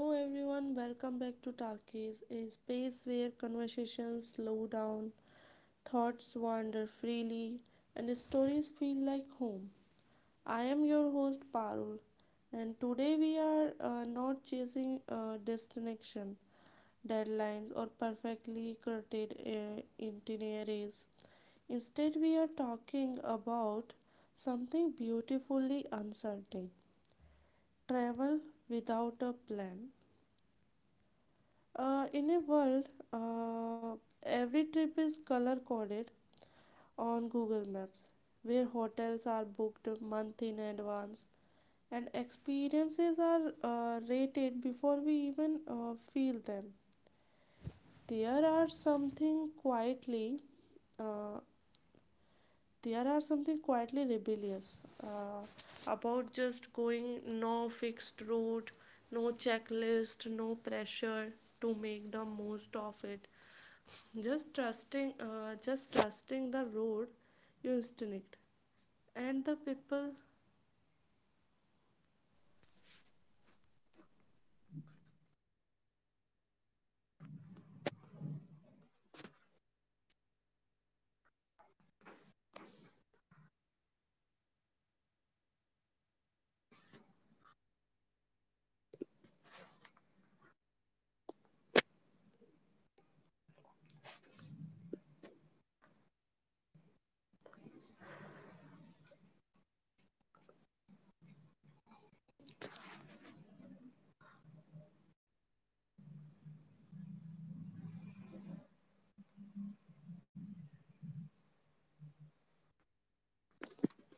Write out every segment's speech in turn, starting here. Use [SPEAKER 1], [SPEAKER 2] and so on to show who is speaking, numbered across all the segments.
[SPEAKER 1] Hello everyone, welcome back to Talkies, a space where conversations slow down, thoughts wander freely, and stories feel like home. I am your host Parul, and today we are not chasing destination, deadlines, or perfectly curated itineraries. Instead, we are talking about something beautifully uncertain travel without a plan. In a world, uh, every trip is color coded on Google Maps, where hotels are booked month in advance and experiences are rated before we even feel them. There are something quietly, uh, there are something quietly rebellious about just going no fixed route, no checklist, no pressure to make the most of it just trusting the road you instinct and the people.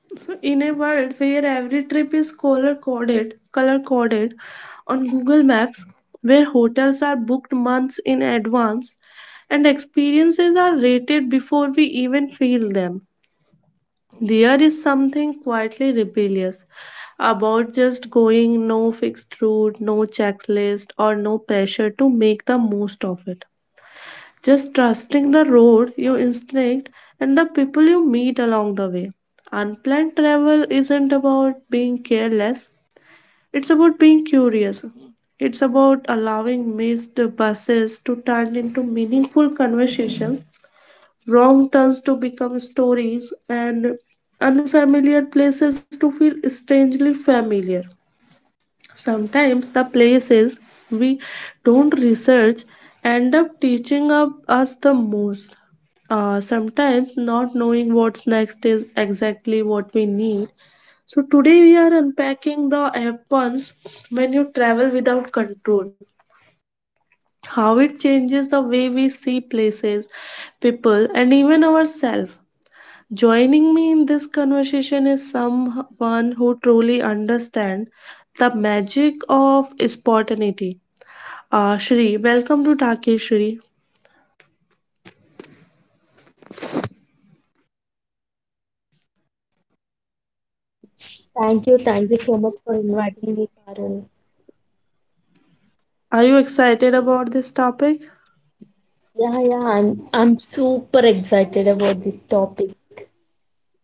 [SPEAKER 1] So in a world where every trip is color coded on Google Maps, where hotels are booked months in advance and experiences are rated before we even feel them, there is something quietly rebellious about just going no fixed route, no checklist, or no pressure to make the most of it. Just trusting the road, your instinct, and the people you meet along the way. Unplanned travel isn't about being careless, it's about being curious. It's about allowing missed buses to turn into meaningful conversations, wrong turns to become stories, and unfamiliar places to feel strangely familiar. Sometimes the places we don't research end up teaching up us the most. Sometimes not knowing what's next is exactly what we need. So today we are unpacking the happens when you travel without control. How it changes the way we see places, people, and even ourselves. Joining me in this conversation is someone who truly understands the magic of spontaneity. Shri, welcome to Take Shri.
[SPEAKER 2] Thank you so much for inviting me, Parul.
[SPEAKER 1] Are you excited about this topic?
[SPEAKER 2] Yeah, I'm super excited about this topic.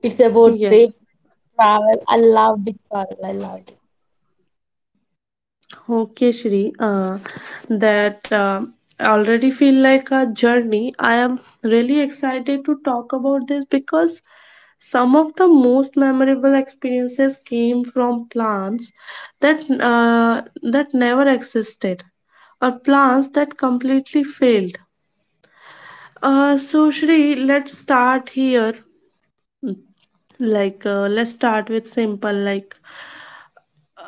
[SPEAKER 2] It's about
[SPEAKER 1] Yes.
[SPEAKER 2] trip travel. I loved it, Parul. I loved it.
[SPEAKER 1] Okay, Shri, that already feel like a journey. I am really excited to talk about this because some of the most memorable experiences came from plants that never existed or plants that completely failed. So Shri, let's start here. Let's start with simple, like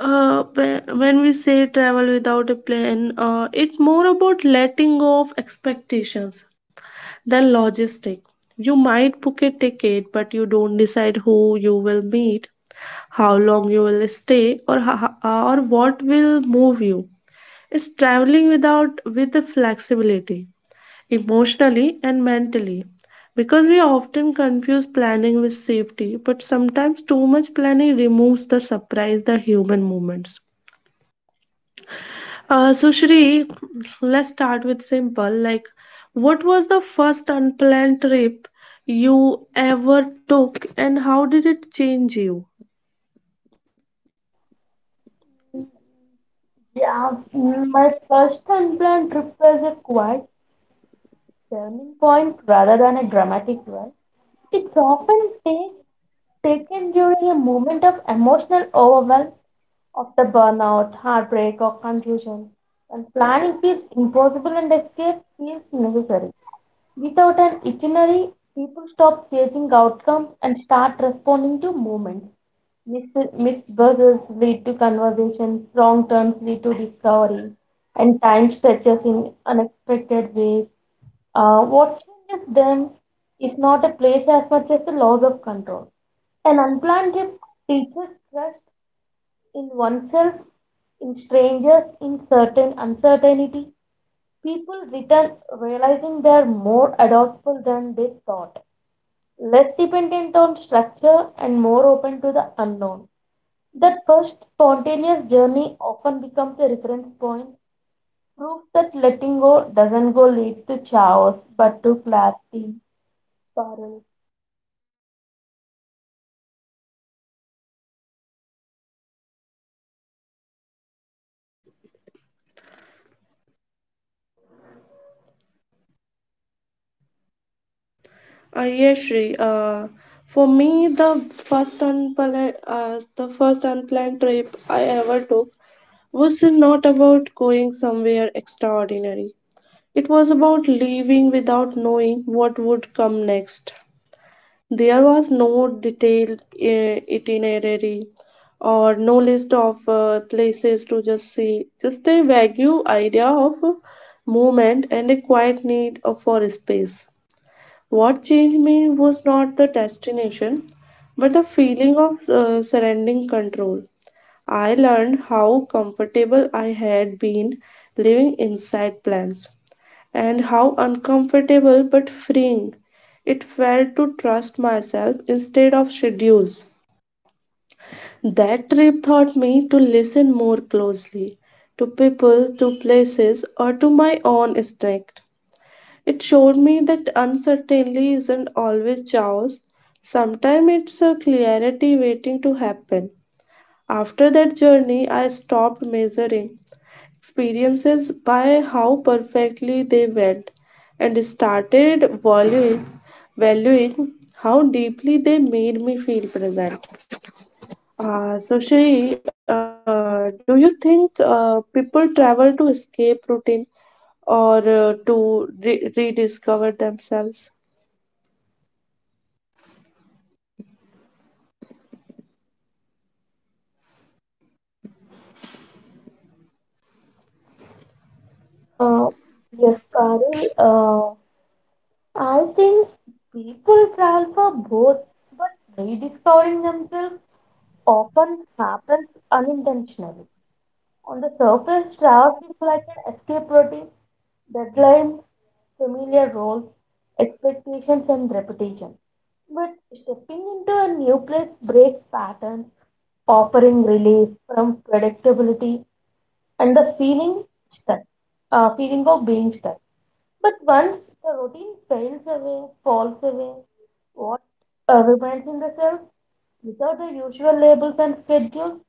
[SPEAKER 1] uh, whe- when we say travel without a plan, it's more about letting go of expectations than logistic. You might book a ticket, but you don't decide who you will meet, how long you will stay, or what will move you. It's traveling without with the flexibility, emotionally and mentally. Because we often confuse planning with safety, but sometimes too much planning removes the surprise, the human moments. So Shri, let's start with simple. Like, what was the first unplanned trip you ever took, and how did it change you?
[SPEAKER 2] Yeah, my first unplanned trip was a quiet turning point rather than a dramatic one. It's often take, taken during a moment of emotional overwhelm of the burnout, heartbreak, or confusion. And planning feels impossible and escape feels necessary. Without an itinerary, people stop chasing outcomes and start responding to moments. Missed buses lead to conversations, wrong turns lead to discovery, and time stretches in unexpected ways. What changes then is not a place as much as the loss of control. An unplanned trip teaches trust in oneself, in strangers, in certain uncertainty. People return realizing they are more adaptable than they thought, less dependent on structure and more open to the unknown. That first spontaneous journey often becomes a reference point, proves that letting go doesn't go leads to chaos but to clarity, Parul.
[SPEAKER 1] Yes, Shri. For me, the first unplanned trip I ever took was not about going somewhere extraordinary. It was about leaving without knowing what would come next. There was no detailed itinerary or no list of places to just see, just a vague idea of movement and a quiet need for space. What changed me was not the destination, but the feeling of surrendering control. I learned how comfortable I had been living inside plans and how uncomfortable but freeing it felt to trust myself instead of schedules. That trip taught me to listen more closely to people, to places, or to my own instinct. It showed me that uncertainty isn't always chaos, sometimes it's a clarity waiting to happen. After that journey, I stopped measuring experiences by how perfectly they went and started valuing how deeply they made me feel present. So Shri, do you think people travel to escape routine or to rediscover themselves?
[SPEAKER 2] Uh, yes, Parul. I think people travel for both, but rediscovering themselves often happens unintentionally. On the surface, travel feels like an escape routine, deadlines, familiar roles, expectations, and reputation. But stepping into a new place breaks patterns, offering relief from predictability and the stuck, feeling of being stuck. But once the routine falls away, what remains in the self without the usual labels and schedules?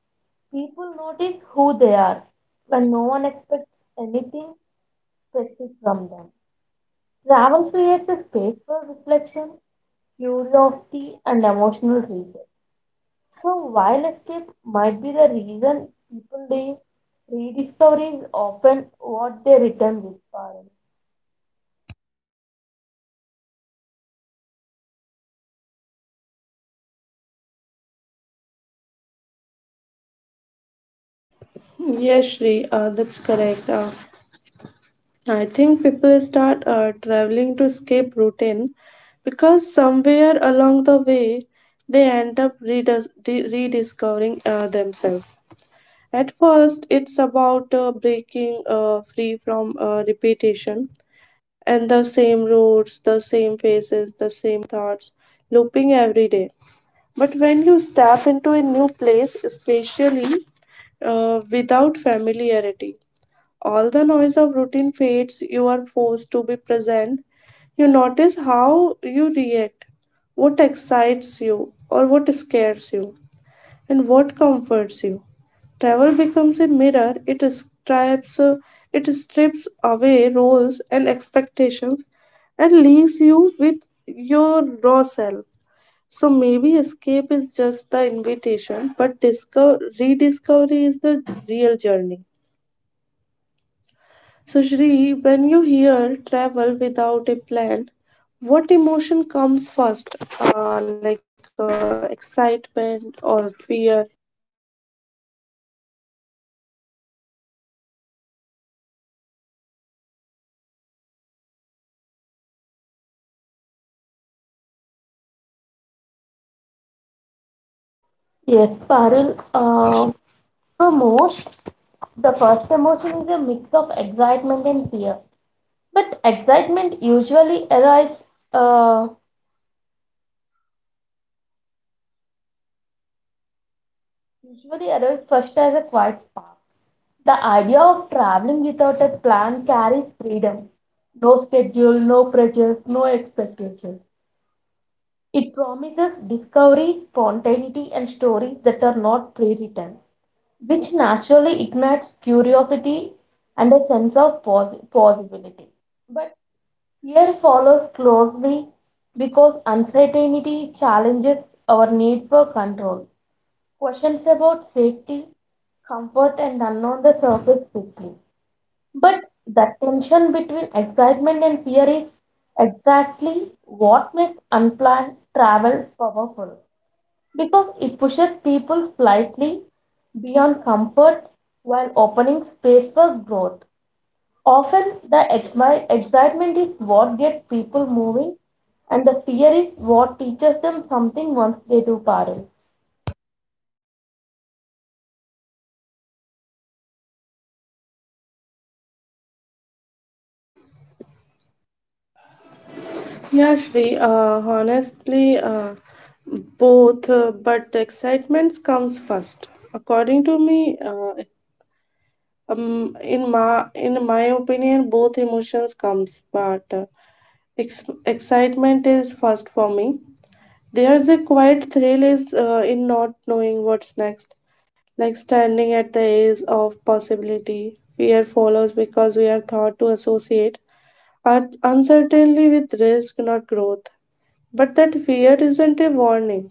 [SPEAKER 2] People notice who they are when no one expects anything specific from them. Travel creates a space for reflection, curiosity, and emotional reset. So, while escape might be the reason people leave, rediscovery is often what they return with, Parul.
[SPEAKER 1] Yes, Shri, that's correct. I think people start traveling to escape routine because somewhere along the way they end up rediscovering themselves. At first, it's about breaking free from repetition and the same routes, the same faces, the same thoughts looping every day. But when you step into a new place, especially without familiarity, all the noise of routine fades, you are forced to be present. You notice how you react, what excites you, or what scares you, and what comforts you. Travel becomes a mirror, it strips away roles and expectations and leaves you with your raw self. So maybe escape is just the invitation, but discover, rediscovery is the real journey. So, Shri, when you hear travel without a plan, what emotion comes first? Like excitement or fear?
[SPEAKER 2] Yes, Parul. For most, the first emotion is a mix of excitement and fear. But excitement usually arrives. Uh, Usually arrives first as a quiet spark. The idea of traveling without a plan carries freedom. No schedule, no pressures, no expectations. It promises discovery, spontaneity, and stories that are not pre written, which naturally ignites curiosity and a sense of possibility. But fear follows closely because uncertainty challenges our need for control. Questions about safety, comfort, and unknown the surface quickly. But the tension between excitement and fear is exactly what makes unplanned travel powerful because it pushes people slightly beyond comfort while opening space for growth. Often, the excitement is what gets people moving, and the fear is what teaches them something once they do, Parul.
[SPEAKER 1] Yeah, Shri, honestly, both, but excitement comes first. According to me, in my opinion, both emotions comes, but excitement is first for me. There's a quiet thrill is in not knowing what's next like standing at the edge of possibility. Fear follows because we are taught to associate our uncertainty with risk, not growth. But that fear isn't a warning,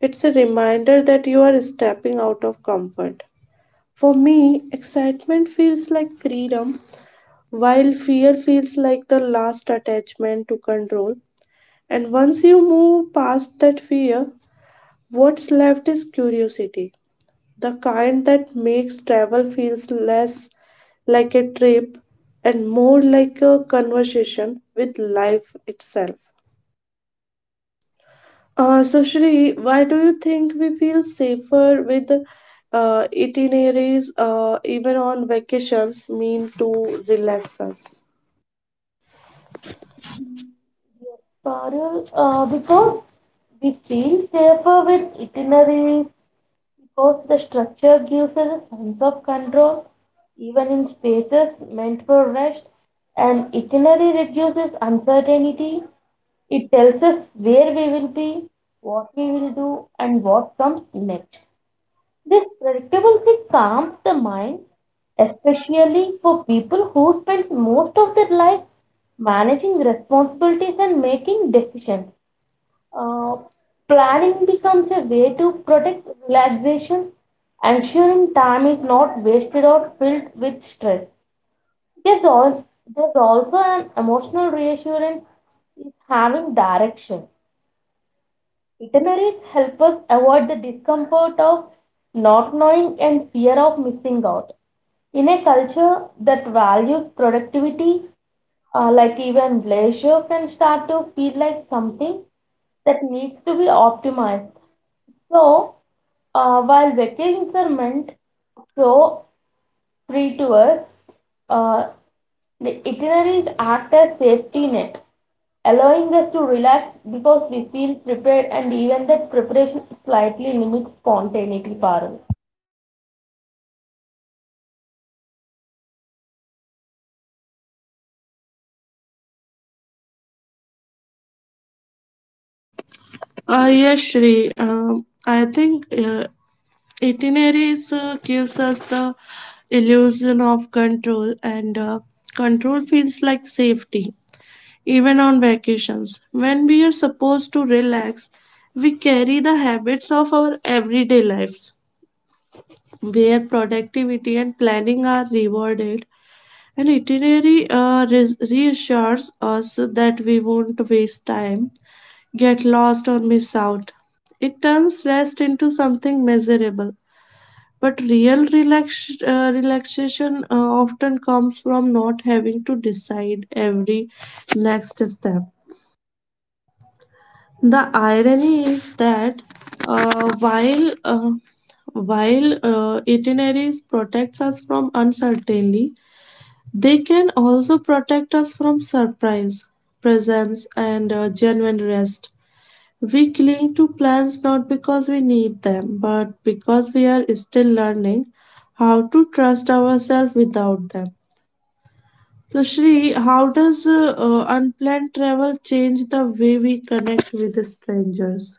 [SPEAKER 1] it's a reminder that you are stepping out of comfort. For me, excitement feels like freedom, while fear feels like the last attachment to control. And once you move past that fear, what's left is curiosity the kind that makes travel feels less like a trip and more like a conversation with life itself. So, Shri, why do you think we feel safer with itineraries, even on vacations, mean to relax us?
[SPEAKER 2] Parul, because we feel safer with itineraries, because the structure gives us a sense of control, even in spaces meant for rest. An itinerary reduces uncertainty. It tells us where we will be, what we will do, and what comes next. This predictability calms the mind, especially for people who spend most of their life managing responsibilities and making decisions. Uh, planning becomes a way to protect relaxation, ensuring time is not wasted or filled with stress. There's, al- there's also an emotional reassurance is having direction. Itineraries help us avoid the discomfort of not knowing and fear of missing out. In a culture that values productivity, like even leisure can start to feel like something that needs to be optimized. So, while vacations are meant so free tour, uh, the itineraries act as safety net, allowing us to relax because we feel prepared and even that preparation slightly limits spontaneity, Parul.
[SPEAKER 1] Yes, Shri. I think itineraries gives us the illusion of control, and control feels like safety, even on vacations. When we are supposed to relax, we carry the habits of our everyday lives, where productivity and planning are rewarded. An itinerary reassures us that we won't waste time, get lost, or miss out. It turns rest into something measurable. But real relaxation often comes from not having to decide every next step. The irony is that uh, while uh, while itineraries protects us from uncertainty, they can also protect us from surprise, presence, and genuine rest. We cling to plans not because we need them, but because we are still learning how to trust ourselves without them. So, Shri, how does unplanned travel change the way we connect with strangers?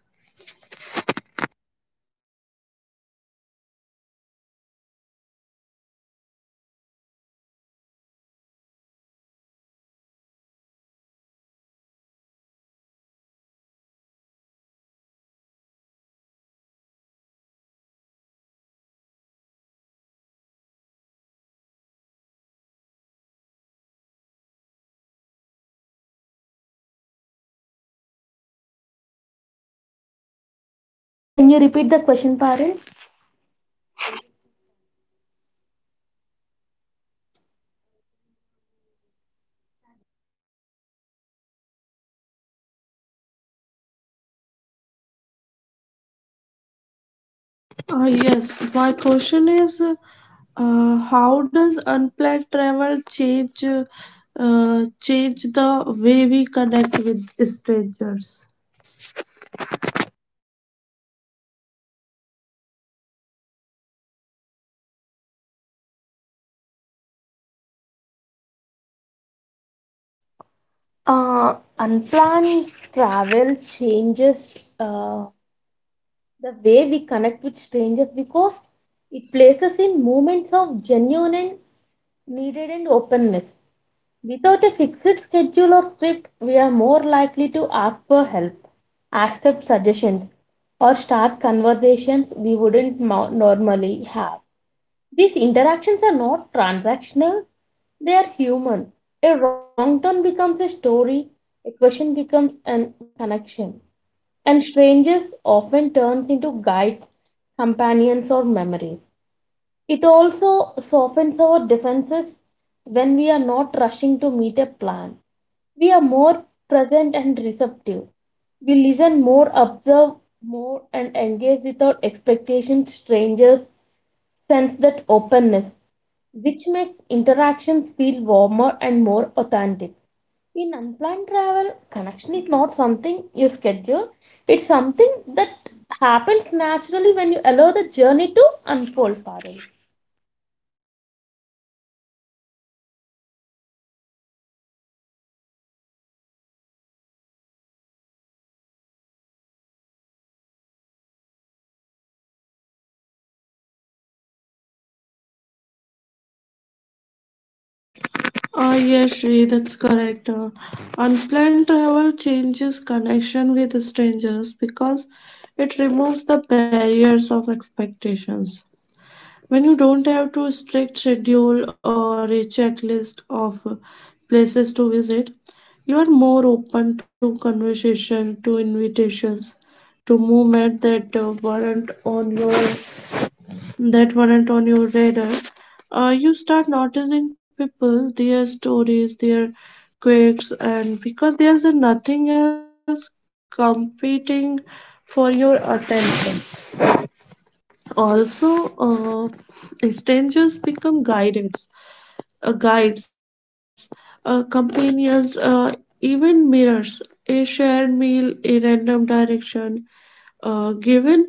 [SPEAKER 2] Can you repeat the question, Parul?
[SPEAKER 1] Yes, my question is how does unplanned travel change the way we connect with strangers?
[SPEAKER 2] Unplanned travel changes the way we connect with strangers because it places in moments of genuine and needed and openness. Without a fixed schedule or script, we are more likely to ask for help, accept suggestions, or start conversations we wouldn't normally have. These interactions are not transactional, they are human. A wrong turn becomes a story, a question becomes a connection, and strangers often turns into guides, companions, or memories. It also softens our defenses when we are not rushing to meet a plan we are more present and receptive. We listen more, observe more, and engage without expectation. Strangers sense that openness, which makes interactions feel warmer and more authentic. In unplanned travel, connection is not something you schedule, it's something that happens naturally when you allow the journey to unfold, Parul.
[SPEAKER 1] Yes, Shri, that's correct. Unplanned travel changes connection with strangers because it removes the barriers of expectations. When you don't have to strict schedule or a checklist of places to visit, you are more open to conversation, to invitations, to movement that weren't on your that weren't on your radar. You start noticing people, their stories, their quirks, and because there's nothing else competing for your attention. Also, strangers become guidance guides, companions, even mirrors. A shared meal, a random direction given,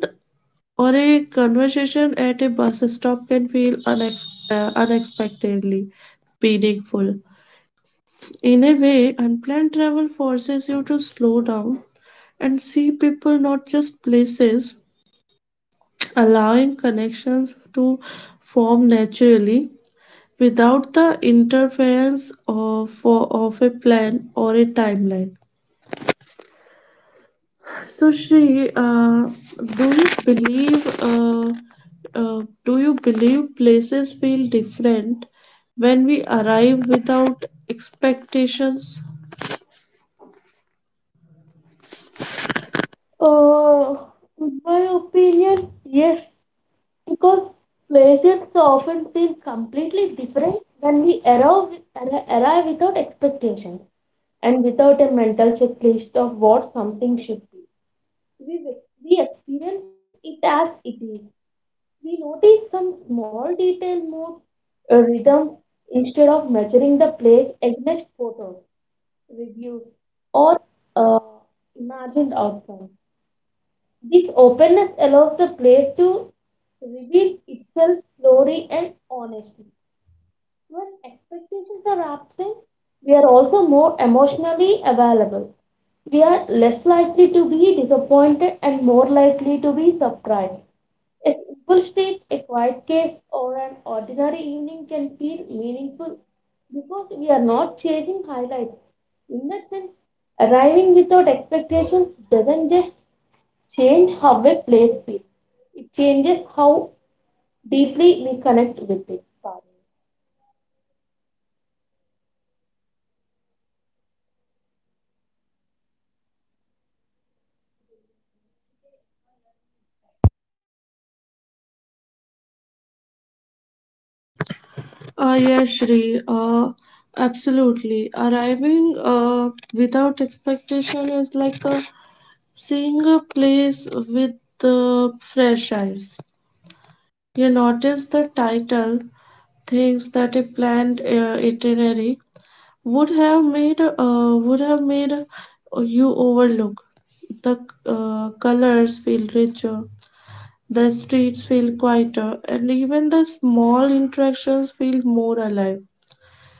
[SPEAKER 1] or a conversation at a bus stop can feel unexpectedly meaningful. In a way, unplanned travel forces you to slow down and see people, not just places, allowing connections to form naturally without the interference of a plan or a timeline. So, Shri, do you believe uh, do you believe places feel different when we arrive without expectations?
[SPEAKER 2] Uh, in my opinion, yes, because places often feel completely different when we arrive without expectations and without a mental checklist of what something should be. We, we experience it as it is. We notice some small detail, mood, rhythm, instead of measuring the place against photos, reviews, or uh, imagined outcomes. This openness allows the place to reveal itself slowly and honestly. When expectations are absent, we are also more emotionally available. We are less likely to be disappointed and more likely to be surprised. A simple street, a quiet cave, or an ordinary evening can feel meaningful because we are not chasing highlights. In that sense, arriving without expectations doesn't just change how a place feels, it changes how deeply we connect with it.
[SPEAKER 1] Yeah, Shri, absolutely. Arriving without expectation is like seeing a place with fresh eyes. You notice the title, things that a planned itinerary would have made you overlook. The colors feel richer, the streets feel quieter, and even the small interactions feel more alive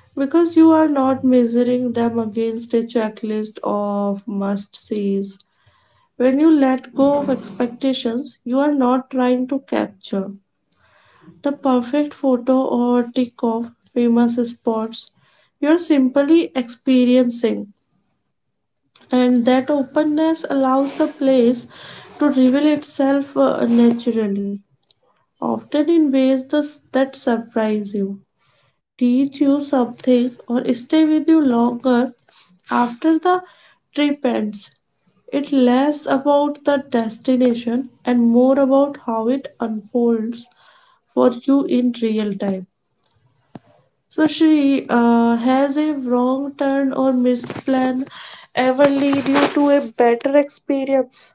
[SPEAKER 1] because you are not measuring them against a checklist of must-sees. When you let go of expectations, you are not trying to capture the perfect photo or tick off famous spots, you're simply experiencing, and that openness allows the place to reveal itself naturally, often in ways that surprise you, teach you something, or stay with you longer after the trip ends. It less about the destination and more about how it unfolds for you in real time. So she has a wrong turn or missed plan ever lead you to a better experience?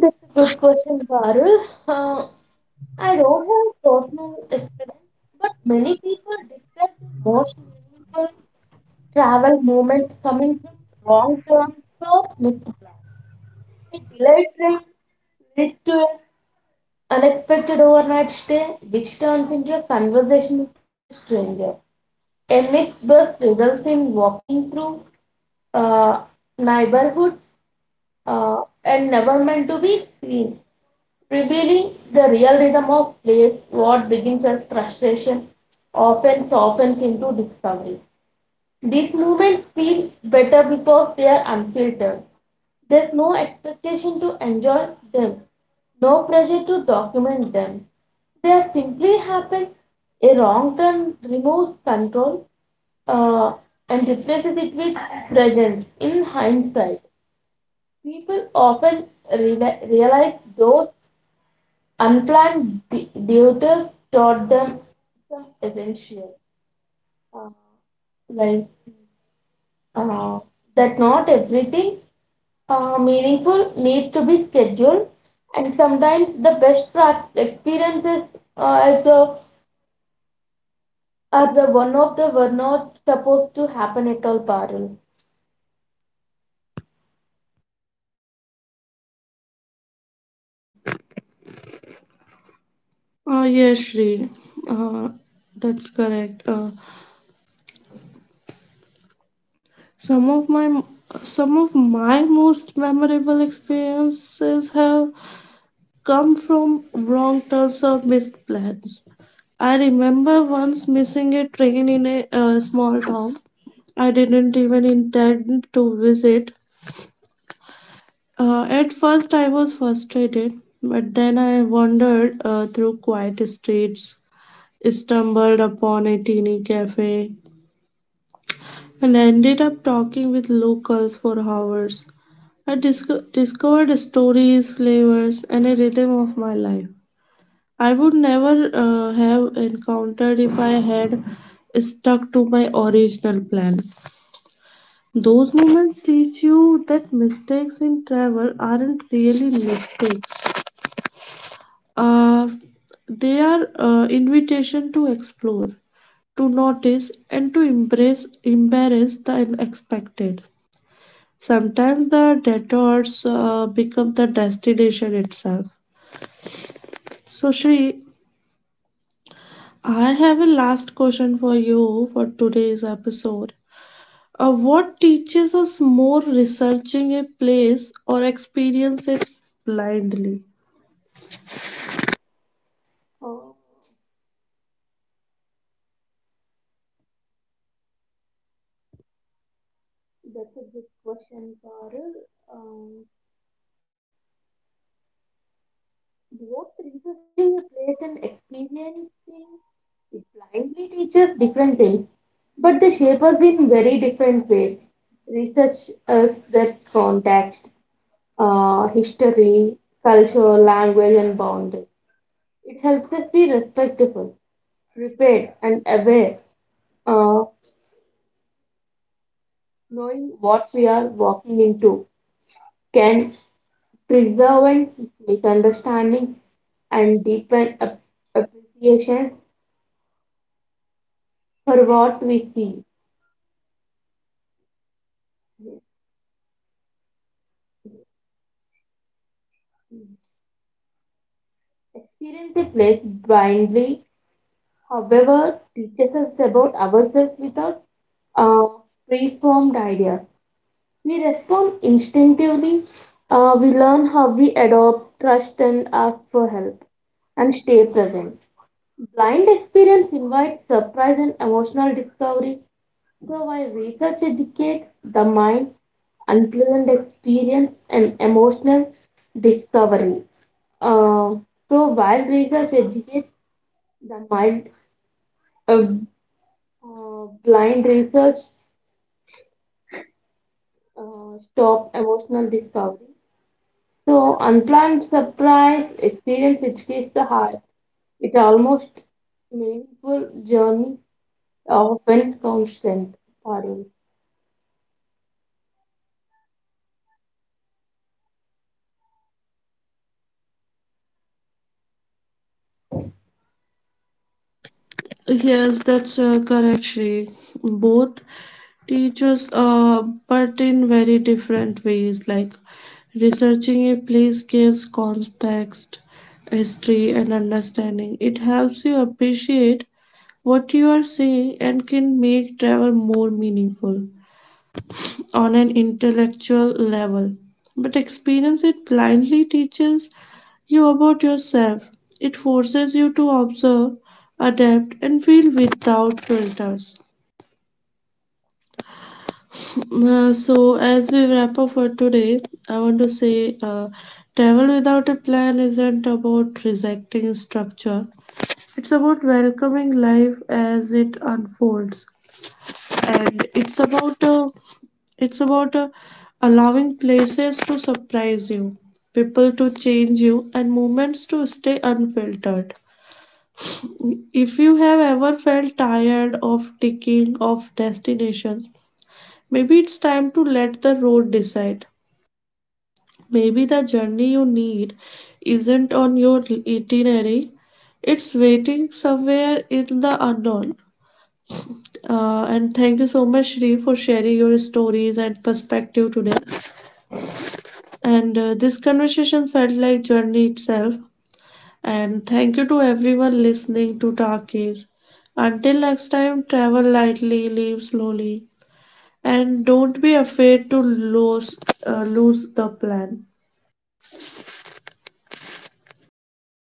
[SPEAKER 2] That's a good question, Parul. Uh, I don't have a personal experience, but many people describe their most meaningful travel moments coming from wrong turns or missed plans. A delayed train leads to an unexpected overnight stay, which turns into a conversation with a stranger. A mixed bus results in walking through uh, neighborhoods and never meant to be seen. Revealing the real rhythm of plays, what begins as frustration often softens into discovery. These moments feel better because they are unfiltered. There's no expectation to enjoy them, no pressure to document them. They simply happen. A wrong turn removes control uh, and replaces it with presence. In hindsight, people often realize those unplanned duties taught them some essential, uh, like uh, that not everything meaningful needs to be scheduled, and sometimes the best experiences uh, are the are the one of the were not supposed to happen at all, Parul.
[SPEAKER 1] Yes, Shri. Uh, that's correct. Some of my some of my most memorable experiences have come from wrong turns or missed plans. I remember once missing a train in a small town I didn't even intend to visit. At first, I was frustrated, but then I wandered through quiet streets, stumbled upon a teeny cafe, and ended up talking with locals for hours. I discovered stories, flavors, and a rhythm of my life I would never have encountered if I had stuck to my original plan. Those moments teach you that mistakes in travel aren't really mistakes. Uh, they are invitation to explore, to notice, and to embrace the unexpected. Sometimes the detours become the destination itself. So, Shri, I have a last question for you for today's episode. What teaches us more researching a place or experience it blindly?
[SPEAKER 2] Oh, that's a good question, Parul. Um, Both researching a place and experiencing it blindly teaches different things, but they shape us in very different ways. Research us that context, history, culture, language, and boundaries. It helps us be respectful, prepared, and aware. Uh, knowing what we are walking into can preserve misunderstanding and deepen appreciation for what we see. Experience a place blindly, however, teaches us about ourselves without uh, preformed ideas. We respond instinctively. We learn how we adopt, trust, and ask for help, and stay present. Blind experience invites surprise and emotional discovery. So, while research educates the mind, unpleasant experience and emotional discovery. Uh, so, while research educates the mind, uh, blind research stop emotional discovery. So, unplanned surprise experience which the heart. It almost meaningful journey often constant. Pardon.
[SPEAKER 1] Yes, that's correct, Shri. Both teachers, but in very different ways. Like researching a place gives context, history, and understanding. It helps you appreciate what you are seeing and can make travel more meaningful on an intellectual level, but experience it blindly teaches you about yourself. It forces you to observe, adapt, and feel without filters. So, as we wrap up for today, I want to say travel without a plan isn't about rejecting structure, it's about welcoming life as it unfolds, and it's about allowing places to surprise you, people to change you, and moments to stay unfiltered. If you have ever felt tired of ticking off destinations, maybe it's time to let the road decide. Maybe the journey you need isn't on your itinerary, it's waiting somewhere in the unknown. And thank you so much, Shri, for sharing your stories and perspective today. And this conversation felt like journey itself. And thank you to everyone listening to Talkies. Until next time, travel lightly, live slowly, and don't be afraid to lose the plan.